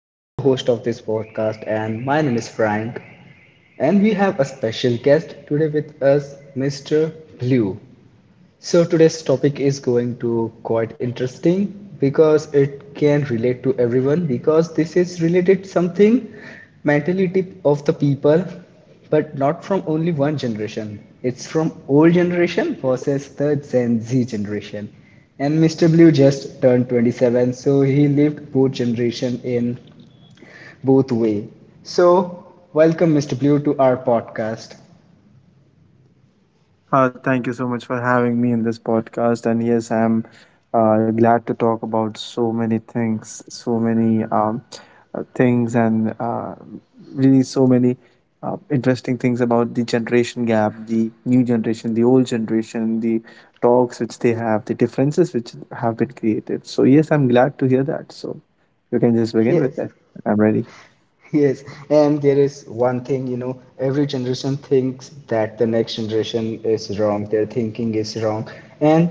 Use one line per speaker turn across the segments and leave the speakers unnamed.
I am the host of this podcast and my name is Frank. And we have a special guest today with us, Mr. Blue. So today's topic is going to quite interesting because it can relate to everyone because this is related something mentality of the people but not from only one generation. It's from old generation versus the Gen Z generation. And Mr. Blue just turned 27 so he lived both generation in both way. So welcome Mr. Blue to our podcast.
Thank you so much for having me in this podcast. And yes, I'm glad to talk about so many things, and really so many interesting things about the generation gap, the new generation, the old generation, the talks which they have, the differences which have been created. So, yes, I'm glad to hear that. So, you can just begin with
Yes,
that. I'm ready.
Yes, and there is one thing, you know, every generation thinks that the next generation is wrong, their thinking is wrong, and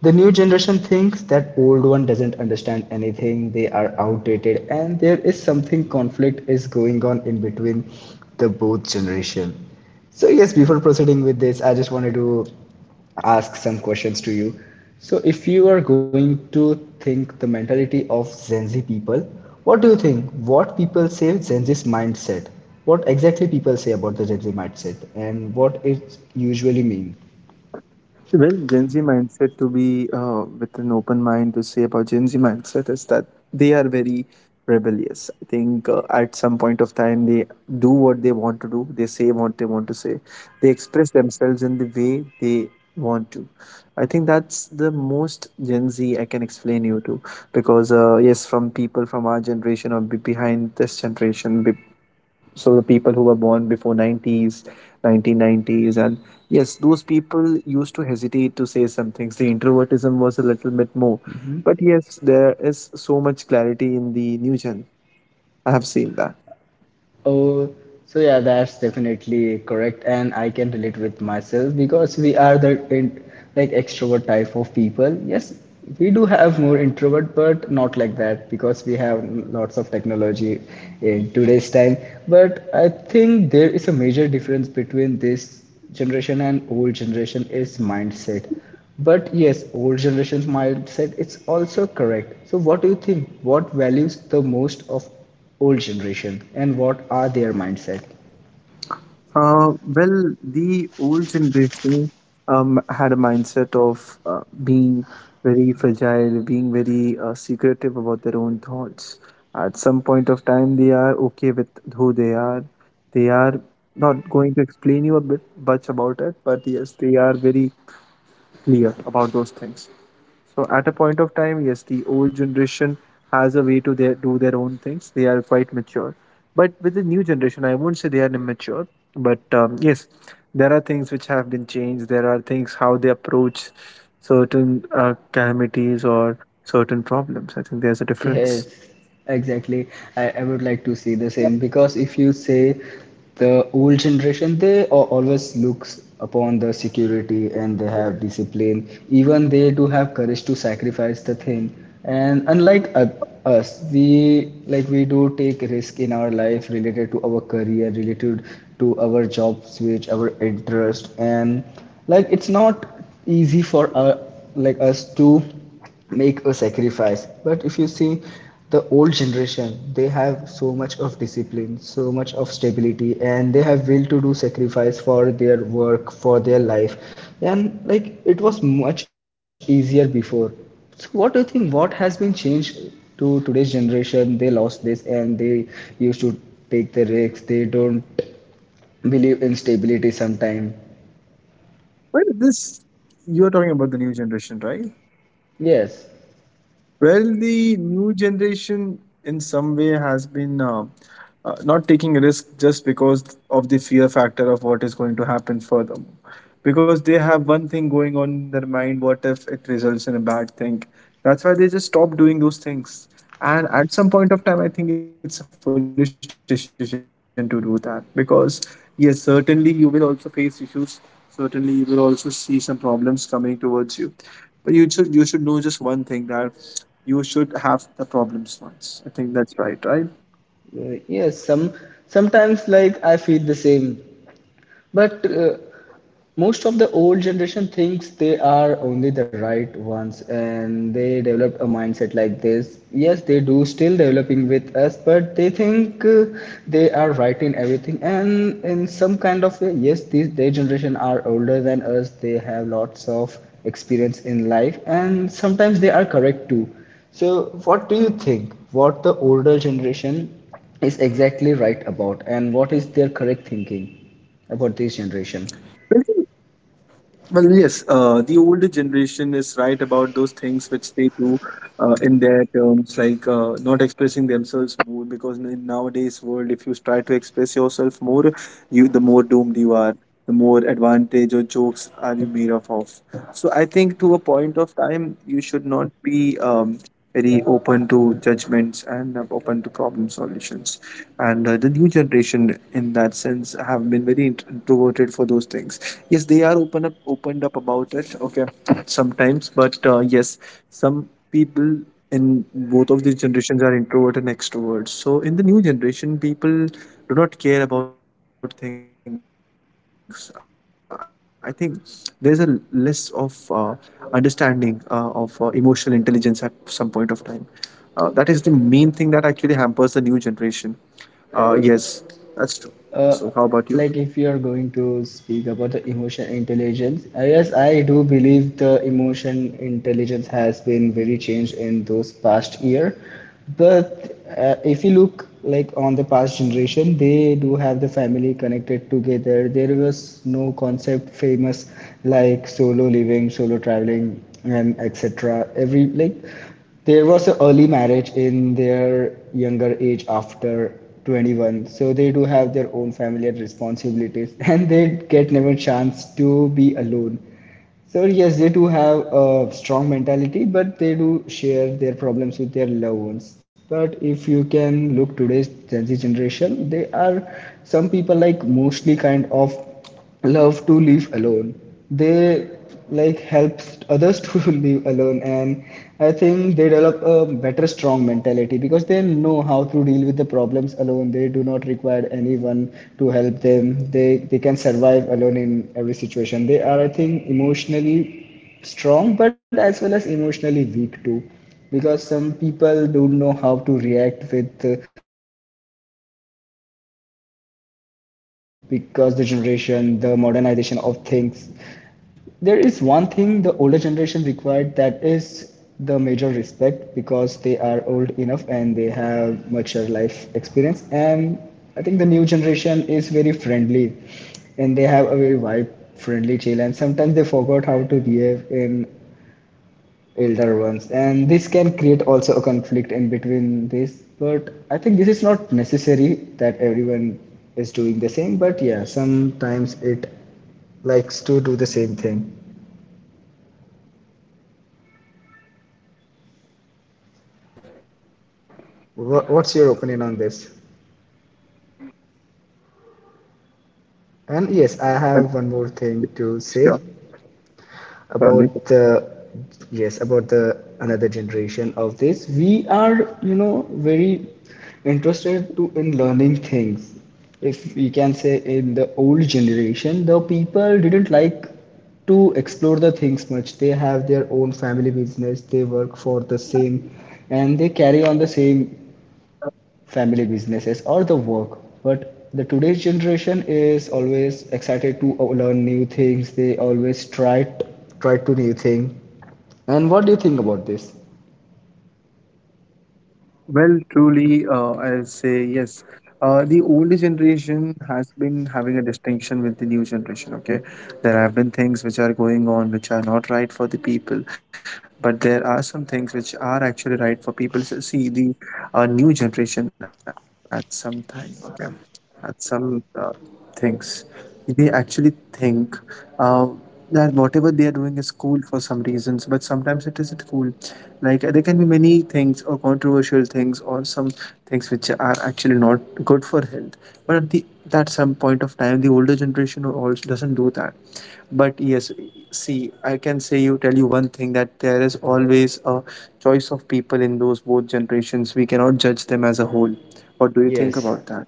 the new generation thinks that old one doesn't understand anything, they are outdated, and there is something conflict is going on in between the both generation. So yes, before proceeding with this, I just wanted to ask some questions to you. So, if you are going to think the mentality of Gen Z people, what do you think? What people say Gen Z's mindset? What exactly people say about the Gen Z mindset, and what it usually means?
Well, Gen Z mindset to be with an open mind to say about Gen Z mindset is that they are very rebellious. I think at some point of time they do what they want to do, they say what they want to say, they express themselves in the way they want to. I think that's the most Gen Z I can explain you to because yes, from people from our generation or be behind this generation, be so the people who were born before 90s 1990s, and yes, those people used to hesitate to say some things. The introvertism was a little bit more, but yes, there is so much clarity in the new gen, I have seen that.
Oh, so yeah, that's definitely correct, and I can relate with myself because we are the in, like extrovert type of people. Yes, we do have more introvert, but not like that because we have lots of technology in today's time. But I think there is a major difference between this generation and old generation is mindset, but yes, old generation's mindset, it's also correct. So what do you think, what values the most of old generation and what are their mindset?
Well, the old generation had a mindset of being very fragile, being very secretive about their own thoughts. At some point of time, they are okay with who they are. They are not going to explain you a bit much about it, but yes, they are very clear about those things. So at a point of time, yes, the old generation has a way to their, do their own things. They are quite mature. But with the new generation, I won't say they are immature. But yes, there are things which have been changed. There are things how they approach certain calamities or certain problems. I think there's a
Yes,
difference.
exactly. I would like to see the
Yeah.
same because if you say the old generation, they always looks upon the security and they have discipline. Even they do have courage to sacrifice the thing. And unlike us, we like we do take risk in our life related to our career, related to our job switch, our interest, and like it's not easy for like us to make a sacrifice. But if you see the old generation, they have so much of discipline, so much of stability, and they have will to do sacrifice for their work, for their life. And like it was much easier before. So what do you think, what has been changed to today's generation? They lost this and they used to take the risks. They don't believe in stability sometimes,
But this, you're talking about the new generation, right?
yes.
Well, the new generation in some way has been not taking a risk just because of the fear factor of what is going to happen for them. Because they have one thing going on in their mind, what if it results in a bad thing? That's why they just stop doing those things. And at some point of time, I think it's a foolish decision to do that because, yes, certainly you will also face issues, certainly you will also see some problems coming towards you, but you should know just one thing, that you should have the problems once. I think that's right, right?
Yes, some sometimes like I feel the same. But most of the old generation thinks they are only the right ones, and they developed a mindset like this. Yes, they do still developing with us, but they think they are right in everything. And in some kind of way, yes, these their generation are older than us. They have lots of experience in life and sometimes they are correct too. So what do you think, what the older generation is exactly right about and what is their correct thinking about this generation?
Well, yes, the older generation is right about those things which they do in their terms, like not expressing themselves more, because in nowadays world, if you try to express yourself more, you, the more doomed you are, the more advantage or jokes are you made of. So I think to a point of time you should not be um, very open to judgments and open to problem solutions, and the new generation in that sense have been very introverted for those things. Yes, they are opened up about it, okay, sometimes, but yes, some people in both of these generations are introvert and extroverts. So in the new generation, people do not care about things. I think there's a less of understanding of emotional intelligence at some point of time. That is the main thing that actually hampers the new generation. Yes, that's true. So, how about you?
uh, like if you are going to speak about the emotion intelligence, yes, I do believe the emotion intelligence has been very changed in those past year. But if you look like on the past generation, they do have the family connected together. There was no concept famous like solo living, solo traveling, and etc. Every like there was an early marriage in their younger age after 21, so they do have their own family and responsibilities, and they get never chance to be alone. So yes, they do have a strong mentality, but they do share their problems with their loved ones. But if you can look today's Gen Z generation, they are some people like mostly kind of love to live alone. They like helps others to live alone, and I think they develop a better strong mentality because they know how to deal with the problems alone. They do not require anyone to help them. They can survive alone in every situation. They are, I think, emotionally strong, but as well as emotionally weak too, because some people don't know how to react with a person who is older than you, because the generation, the modernization of things, there is one thing the older generation required, that is the major respect, because they are old enough and they have mature life experience. And I think the new generation is very friendly and they have a very vibe, friendly, chill, and sometimes they forgot how to behave in elder ones, and this can create also a conflict in between this. But I think this is not necessary that everyone is doing the same, but yeah, sometimes it likes to do the same thing. What's your opinion on this? And yes, I
Well,
have one more thing to say
sure, certainly.
about the, yes, about the another generation of this. We are, you know, very interested to in learning things. If we can say in the old generation, the people didn't like to explore the things much. They have their own family business, they work for the same, and they carry on the same family businesses or the work. But the today's generation is always excited to learn new things. They always try to new thing. And what do you think about this?
Well, truly, I'll say yes. The older generation has been having a distinction with the new generation. Okay, there have been things which are going on which are not right for the people, but there are some things which are actually right for people. So see the new generation at some time. Okay, at some things, they actually think uh, that whatever they are doing is cool for some reasons, but sometimes it isn't cool. Like there can be many things or controversial things or some things which are actually not good for health. But at the that some point of time, the older generation also doesn't do that. But yes, see, I can say you, tell you one thing, that there is always a choice of people in those both generations. We cannot judge them as a whole. What do you think
Yes,
about that?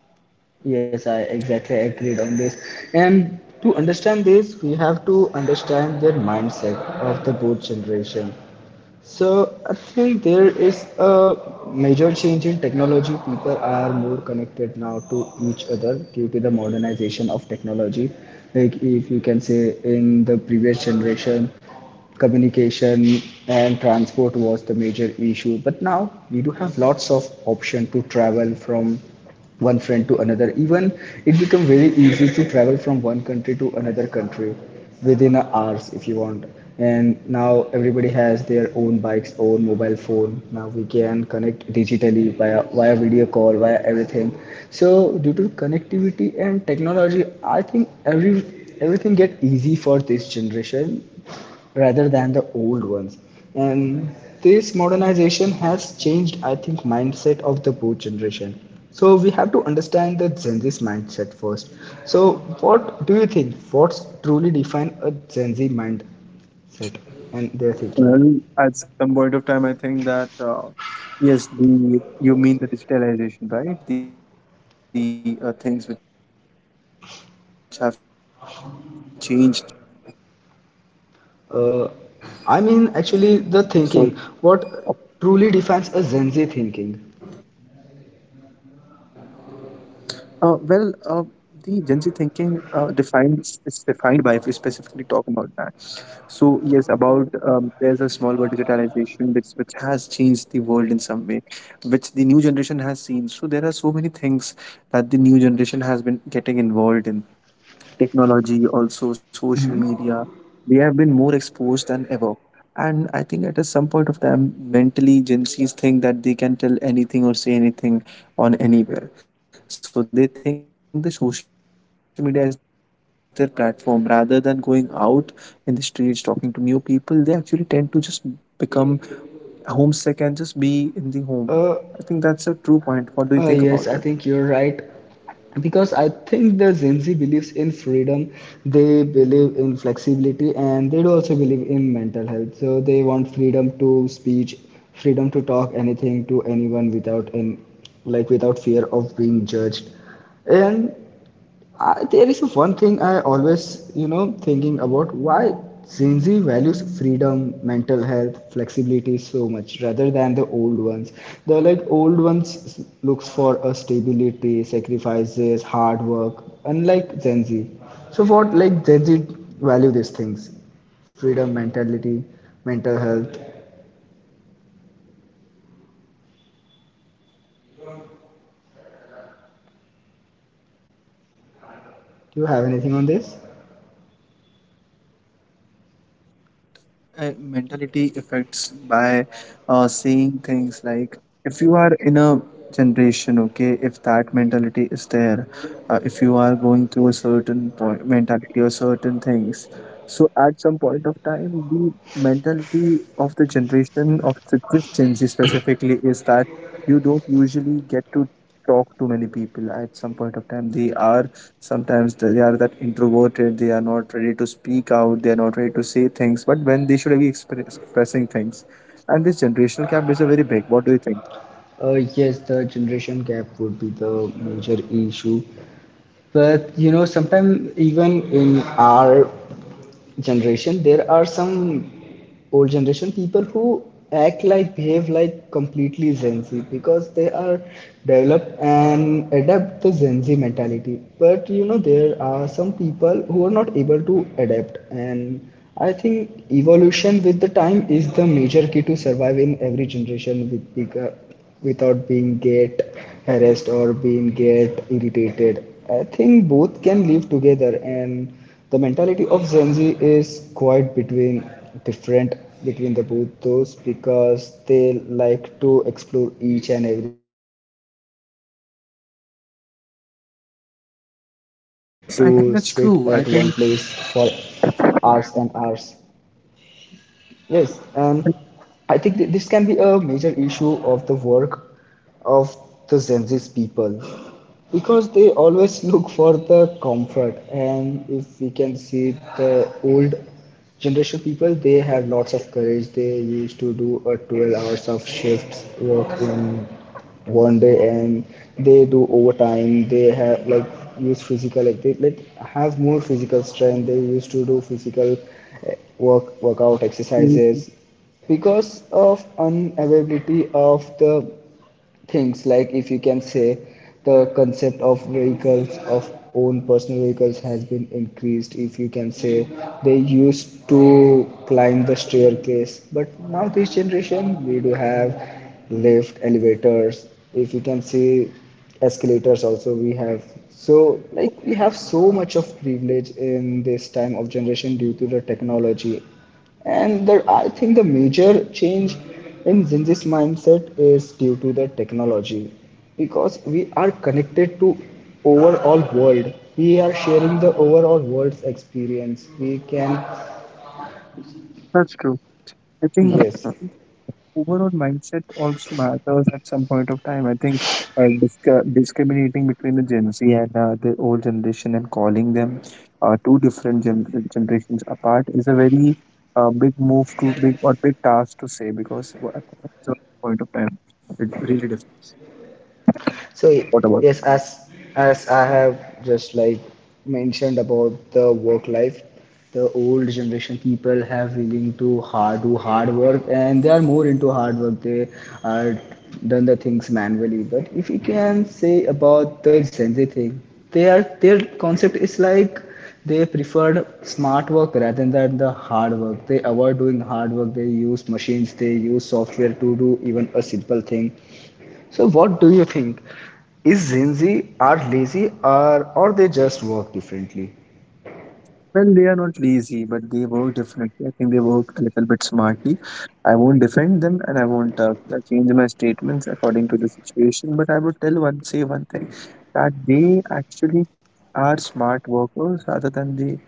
yes, I exactly agreed on this. And to understand this, we have to understand their mindset of the both generation. So I think there is a major change in technology. People are more connected now to each other due to the modernization of technology. Like if you can say in the previous generation, communication and transport was the major issue. But now we do have lots of option to travel from one friend to another. Even it become very easy to travel from one country to another country within hours if you want. And now everybody has their own bikes, own mobile phone. Now we can connect digitally via video call, via everything. So due to connectivity and technology, I think everything get easy for this generation rather than the old ones. And this modernization has changed, I think, mindset of the both generation. So we have to understand the Gen Z's mindset first. So what do you think, what's truly define a Gen Z mindset and their thinking?
Well, at some point of time, I think that yes, the you mean the digitalization, right? The things which have changed just for the generation. Is that what you mean?
uh,
So
I mean actually the thinking, what truly defines a Gen Z thinking?
Well, uh, the Gen Z thinking defines is defined by, if we specifically talk about that. So yes, about there's a small word, digitalization, which has changed the world in some way, which the new generation has seen. So there are so many things that the new generation has been getting involved in. Technology, also social media, we have been more exposed than ever. And I think at a some point of time, mentally, Gen Zs think that they can tell anything or say anything on anywhere. So they think the social media is their platform. Rather than going out in the streets, talking to new people, they actually tend to just become homesick and just be in the
uh,
home. I think that's a true point. What do you
Yes, I
think
think
about it?
you're right. Because I think the Gen Z believes in freedom, they believe in flexibility, and they do also believe in mental health. So they want freedom to speech, freedom to talk anything to anyone without in like without fear of being judged. And I, there is one thing I always, you know, thinking about why Gen Z values freedom, mental health, flexibility so much rather than the old ones. The like old ones looks for a stability, sacrifices, hard work, unlike Gen Z. So what like Gen Z value these things? Freedom, mentality, mental health. Do you have anything on this?
So that mentality affects by saying things like, if you are in a generation, okay, if that mentality is there, if you are going through a certain point, mentality or certain things. So at some point of time, the mentality of the generation of this Gen Z specifically is that you don't usually get to talk to many people. At some point of time they are, sometimes they are that introverted, they are not ready to speak out, they are not ready to say things, but when they should be expressing things. And this generational gap is a very big, what do you think?
Yes, the generation gap would be the major issue. But you know, sometimes even in our generation, there are some old generation people who act like, behave like completely Gen Z because they are developed and adapt the Gen Z mentality. But you know, there are some people who are not able to adapt, and I think evolution with the time is the major key to survive in every generation with bigger without being get harassed or being get irritated. I think both can live together, and the mentality of Gen Z is quite between different between the both those, because they like to explore each and everything. They don't like work pressure, they don't like to
Yes, I
sit
think
at
that's
one
true.
place
i think
for hours and hours. Yes,
that's
and I think this can be a major issue of the work of the Gen Z people, because they always look for the comfort. And if we can see the old generation people, they had lots of courage. They used to do a 12 hours of shifts work in one day. And they do overtime, they have like use physical, like they like have more physical strength. They used to do physical workout exercises because of unavailability of the things. Like if you can say the concept of vehicles, of own personal vehicles has been increased. If you can say, they used to climb the staircase, but now this generation we do have lift, elevators. If you can see escalators also we have. So like we have so much of privilege in this time of generation due to the technology. And the, I think the major change in Gen Z's mindset is due to the technology, because we are connected to overall world. We are sharing the overall world's experience. We can,
true i think
yes.
overall mindset also matters at some point of time. I think discriminating between the Gen Z and the old generation and calling them two different generations apart is a very big move to big or big task to say, because at some point of time it really differs.
So
What about?
yes, as as I have just like mentioned about the work life, the old generation people have willing to hard do hard work and they are more into hard work. They are done the things manually. But if you can say about the Gen Z thing, they are their concept is like they preferred smart work rather than the hard work. They avoid doing hard work. They use machines. They use software to do even a simple thing. So what do you think? Is Gen Z are lazy or they just work differently?
Well, they are not lazy, but they work differently. I think they work a little bit smartly. I won't defend them and I won't change my statements according to the situation, but I would tell one, say one thing that they actually are smart workers rather than they,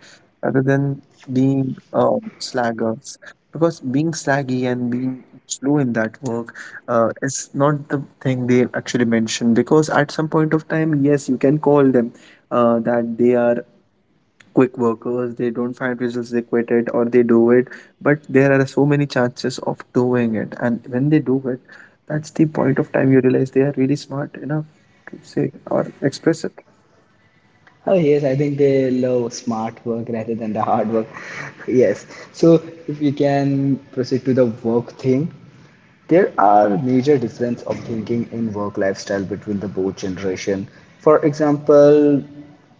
rather than being slackers. Because being slaggy and being slow in that work is not the thing they actually mention. Because at some point of time, yes, you can call them that they are quick workers, they don't find results, they quit it or they do it, but there are so many chances of doing it, and when they do it, that's the point of time you realize they are really smart enough to say or express it.
Oh, yes, I think they love smart work rather than the hard work. Yes. So, if we can proceed to the work thing, there are major difference of thinking in work lifestyle between the both generation. For example,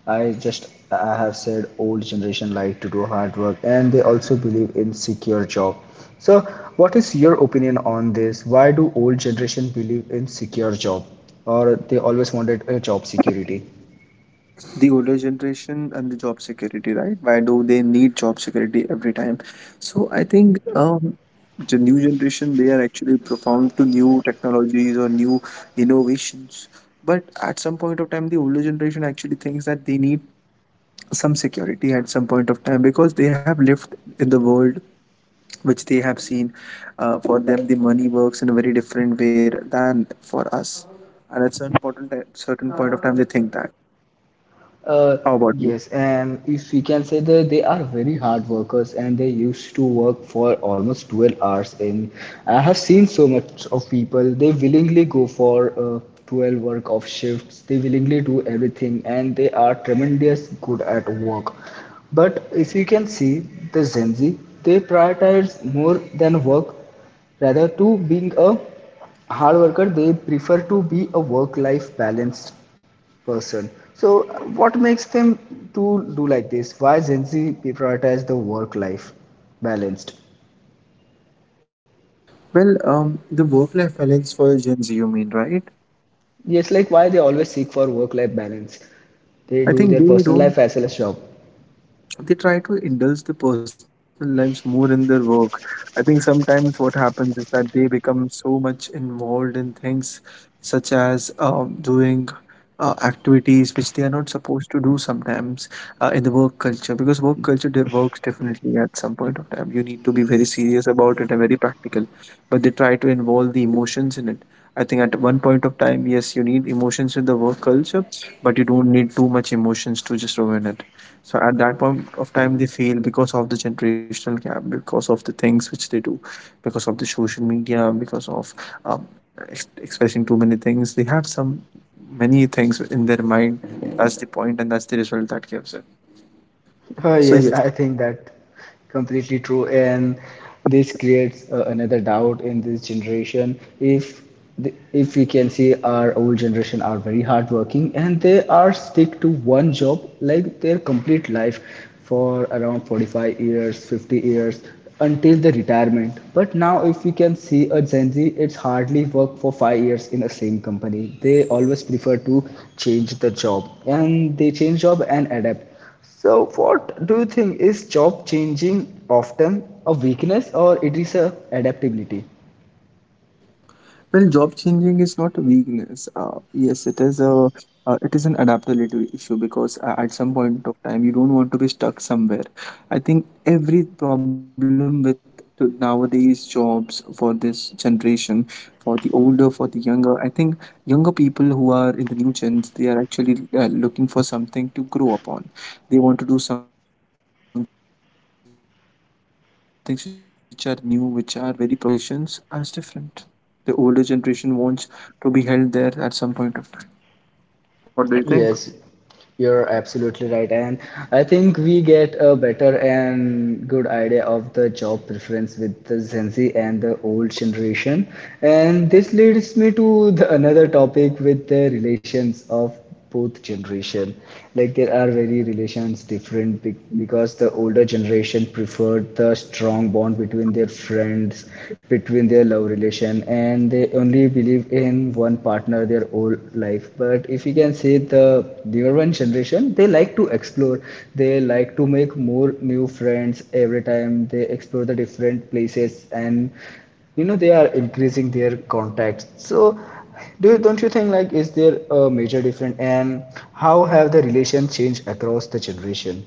I have said old generation like to do hard work and they also believe in secure job. So what is your opinion on this? Why do old generation believe in secure job or they always wanted a job security?
The older generation and the job security, right? Why do they need job security every time? So I think the new generation, they are actually profound to new technologies or new innovations, but at some point of time the older generation actually thinks that they need some security at some point of time, because they have lived in the world which they have seen. For them, the money works in a very different way than for us. And at certain point of time, they think that.
Uh,
How about you?
yes, and if we can say that they are very hard workers and they used to work for almost 12 hours. And I have seen so much of people, they willingly go for 12 work of shifts, they willingly do everything, and they are tremendous good at work. But if you can see the Gen Z, they prioritize more than work rather to being a hard worker, they prefer to be a work life balanced person. So, what makes them to do like this? Why Gen Z prioritize the work-life balanced?
Well, the work-life balance for Gen Z, you mean, right?
Yes, like why they always seek for work-life balance. They
I
do
think
their
they
personal
don't,
life as well as job.
they try to indulge their personal lives more in their work. I think sometimes what happens is that they become so much involved in things such as doing activities which they are not supposed to do sometimes in the work culture. Because work culture works definitely at some point of time. You need to be very serious about it and very practical, but they try to involve the emotions in it. I think at one point of time, yes, you need emotions in the work culture, but you don't need too much emotions to just ruin it. So at that point of time they fail, because of the generational gap, because of the things which they do, because of the social media, because of um, expressing too many things, they have some many things in their mind. That's the point, and that's the result that gives it. So
Yes,
yes.
I think that completely true, and this creates another doubt in this generation. If we can see our old generation are very hardworking and they are stick to one job like their complete life for around 45 years, 50 years until the retirement. But now, if we can see a Gen Z, it's hardly work for 5 years in the same company. They always prefer to change the job and they change job and adapt. So, what do you think, is job changing often a weakness or it is a adaptability?
Well, job changing is not a weakness. Yes, it is a it is an adaptability issue because at some point of time you don't want to be stuck somewhere. I think every problem with nowadays jobs for this generation, for the older, for the younger. I think younger people who are in the new gens, they are actually looking for something to grow upon. They want to do some things which are new, which are very profound to them, which have innovations in them. But the older generations are different. The older generation wants to be held there at some point of time. What do you think?
Yes, you're absolutely right. And I think we get a better and good idea of the job preference with the Gen Z and the old generation. And this leads me to the another topic with the relations of both generation. Like there are very relations different because the older generation preferred the strong bond between their friends, between in their love relation and they only believe in one partner their whole life. But if you can see the newer one generation, they like to explore, they like to make more new friends, every time they explore the different places and you know they are increasing their contacts. So do don't you think, like, is there a major difference and how have the relation changed across the generation?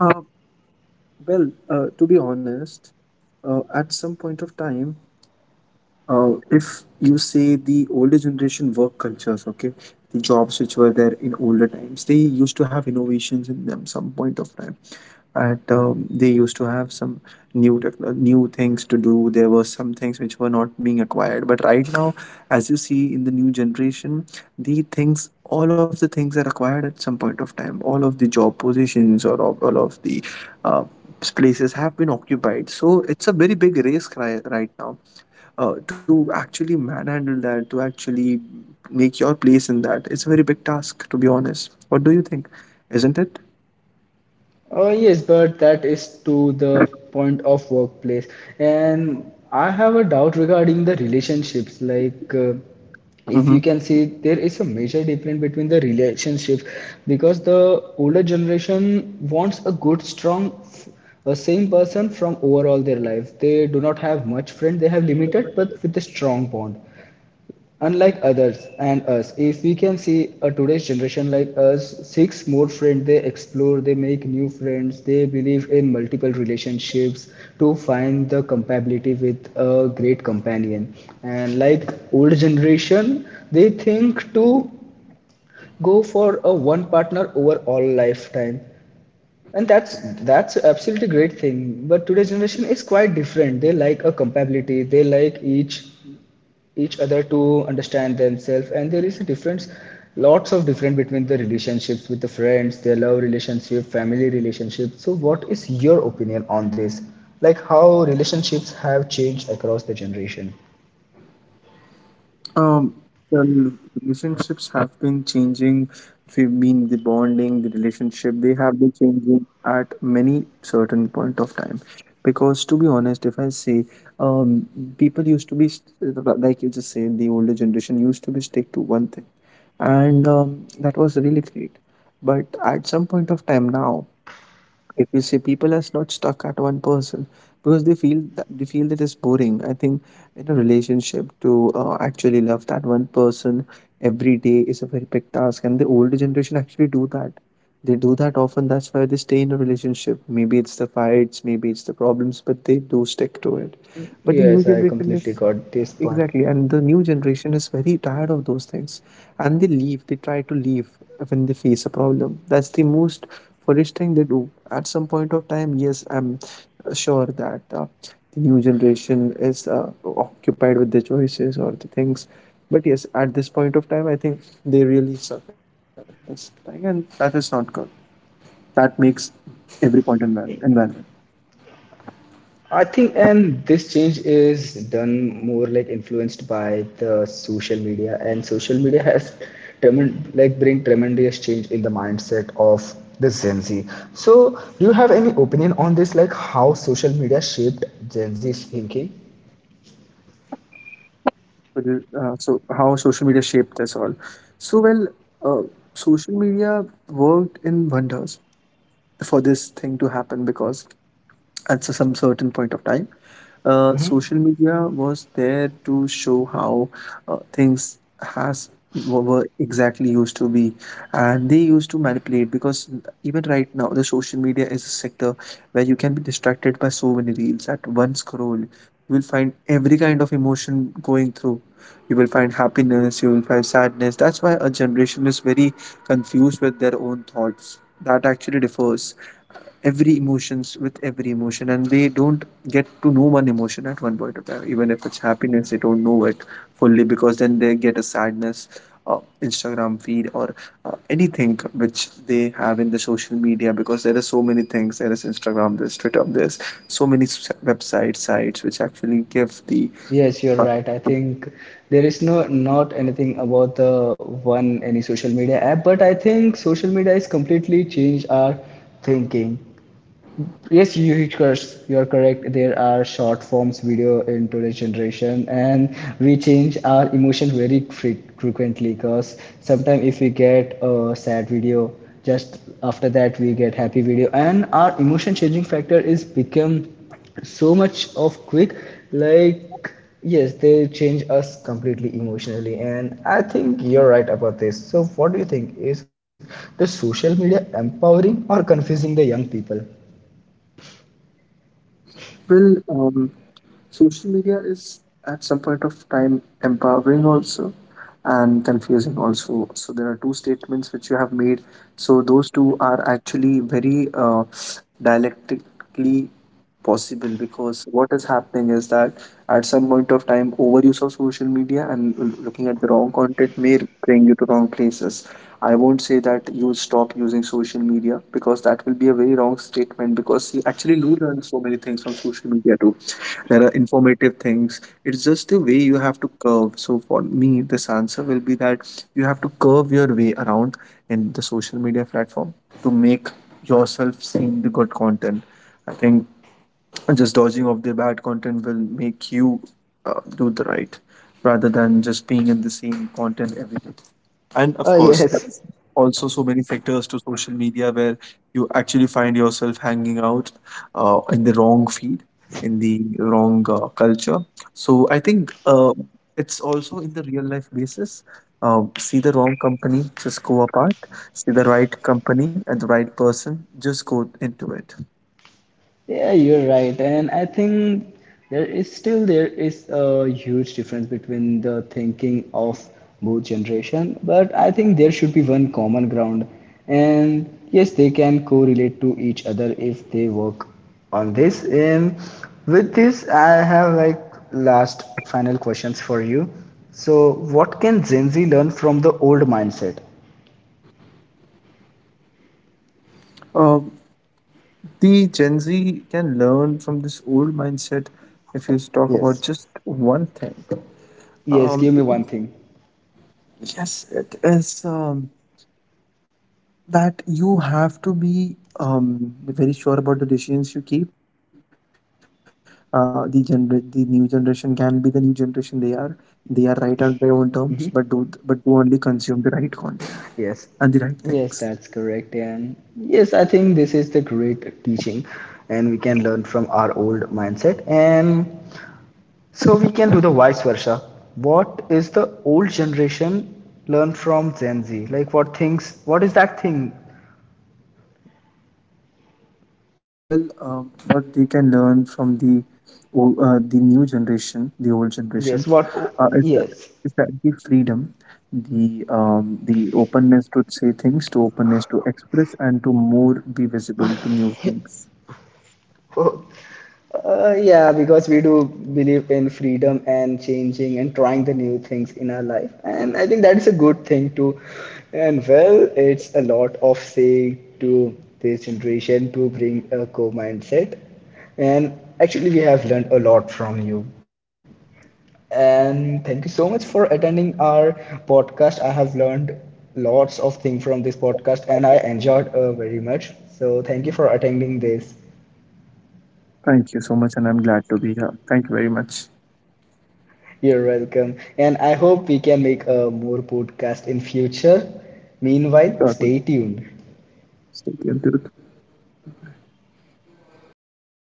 Uh, well, to be honest, at some point of time, if you say the older generation work cultures, okay, the jobs which were there in older times, they used to have innovations in them some point of time. At They used to have some new tech, new things to do. There were some things which were not being acquired. But right now, as you see in the new generation, the things, all of the things are acquired at some point of time. All of the job positions or all of the uh, places have been occupied. So it's a very big right now to actually manhandle that, to actually make your place in that. It's a very big task, to be honest. What do you think? Isn't it?
Yes, but that is to the point of workplace. And I have a doubt regarding the relationships. Like, if you
Hmm.
can see, there is a major difference between the relationships because the older generation wants a good, strong, a same person from overall their life. They do not have much friend, they have limited, but with a strong bond unlike others. And us, if we can see a today's generation like us, seeks more friends, they explore, they make new friends, they believe in multiple relationships to find the compatibility with a great companion. And like old generation, they think to go for a one partner over all lifetime, and that's absolutely great thing. But today's generation is quite different, they like a compatibility, they like each other to understand themselves. And there is a difference, lots of difference between the relationships with the friends, their love relationship, family relationship. So what is your opinion on this, like how relationships have changed across the generation?
Um, the relationships have been changing. We mean, the bonding, the relationship, they have been changing at many certain point of time. Because to be honest, if I say, um, people used to be like you just said, the older generation used to be stick to one thing, and that was really great, but at some point of time now, if you say, people are not stuck at one person because they feel that it's boring. I think in a relationship to actually love that one person every day is a very big task, and the older generation actually do that. They do that often. That's why they stay in a relationship. Maybe it's the fights, maybe it's the problems, but they
Mm,
do
yes,
stick
I
to it.
completely
But the
got
new
this part.
generation is... Exactly, and the new generation is very tired of those things, and they leave. They try to leave when they face a problem. That's the most foolish thing they do. At some point of time, yes, I'm sure that the new generation is occupied with their choices or the things. But yes, at this point of time, I think they really suck at this thing, and that is not good. That makes every point environment.
I think, and this change is done more like influenced by the social media, and social media has tremendous like bring tremendous change in the mindset of the Gen Z. So, do you have any opinion on this, like how social media shaped Gen Z's thinking?
So, so how social media shaped us all. So, well, uh, social media worked in wonders for this thing to happen because at some certain point of time. Social media was there to show how things has were exactly used to be, and they used to manipulate, because even right now the social media is a sector where you can be distracted by so many reels at one scroll. You will find every kind of emotion going through. You will find happiness. You will find sadness. That's why a generation is very confused with their own thoughts. That actually differs every emotions with every emotion, and they don't get to know one emotion at one point of time. Even if it's happiness, they don't know it fully, because then they get a sadness, uh, Instagram feed, or anything which they have in the social media, because there are so many things. There is Instagram, there's Twitter, there's so many website sites which actually give the...
Yes, you're right. I think there is no not anything about the one any social media app, but I think social media has completely changed our thinking. Yes, you're correct. There are short forms video in today's generation, and we change our emotions very frequently. Because sometimes if we get a sad video, just after that we get happy video, and our emotion changing factor is become so much of quick. Like yes, they change us completely emotionally, and I think you're right about this. So what do you think? Is the social media empowering or confusing the young people?
Well, social media is at some point of time empowering also and confusing also. So there are two statements which you have made. So those two are actually very dialectically possible, because what is happening is that at some point of time overuse of social media and looking at the wrong content may bring you to wrong places basis. I won't say that you stop using social media, because that will be a very wrong statement, because you actually do learn so many things from social media too. There are informative things. It's just the way you have to curve. So for me, this answer will be that you have to curve your way around in the social media platform to make yourself seem the good content. I think just dodging of the bad content will make you do the right rather than just being in the same content every day. And of
Oh,
course
yes.
there's also so many sectors to social media where you actually find yourself hanging out in the wrong feed, in the wrong culture. So I think it's also in the real life basis. See the wrong company, just go apart. See the right company and the right person, just go into it.
Yeah, you're right, and I think there is still there is a huge difference between the thinking of both generation, but I think there should be one common ground, and yes, they can correlate to each other if they work on this. And with this, I have like last final questions for you. So, what can Gen Z learn from the old mindset?
Um, the Gen Z can learn from this old mindset if you talk about
Yes.
just one thing.
Yes,
Um,
give me one thing.
yes, it is that you have to be very sure about the decisions you keep. The new generation can be the new generation they are. They are right on their own terms, but do only consume the right content and the right things.
Yes, yes, that's correct. And yes, I think this is the great teaching, and we can learn from our old mindset. And so we can do the vice versa. What is the old generation learn from Gen Z? Like, what things, what is that thing?
Well, what they can learn from the the new generation, the old generations,
Yes, what,
uh, is that
yes.
is that the freedom, the openness to say things, to openness to express, and to more be visible to new things.
Yeah, because we do believe in freedom and changing and trying the new things in our life. And I think that is a good thing too. And well, it's a lot of saying to this generation to bring a co mindset. And actually, we have learned a lot from you. And thank you so much for attending our podcast. I have learned lots of things from this podcast and I enjoyed very much. So, thank you for attending this.
Thank you so much, and I'm glad to be here. Thank you very much.
You're welcome. And I hope we can make a more podcast in future. Meanwhile,
Sure.
stay tuned.
Stay tuned to the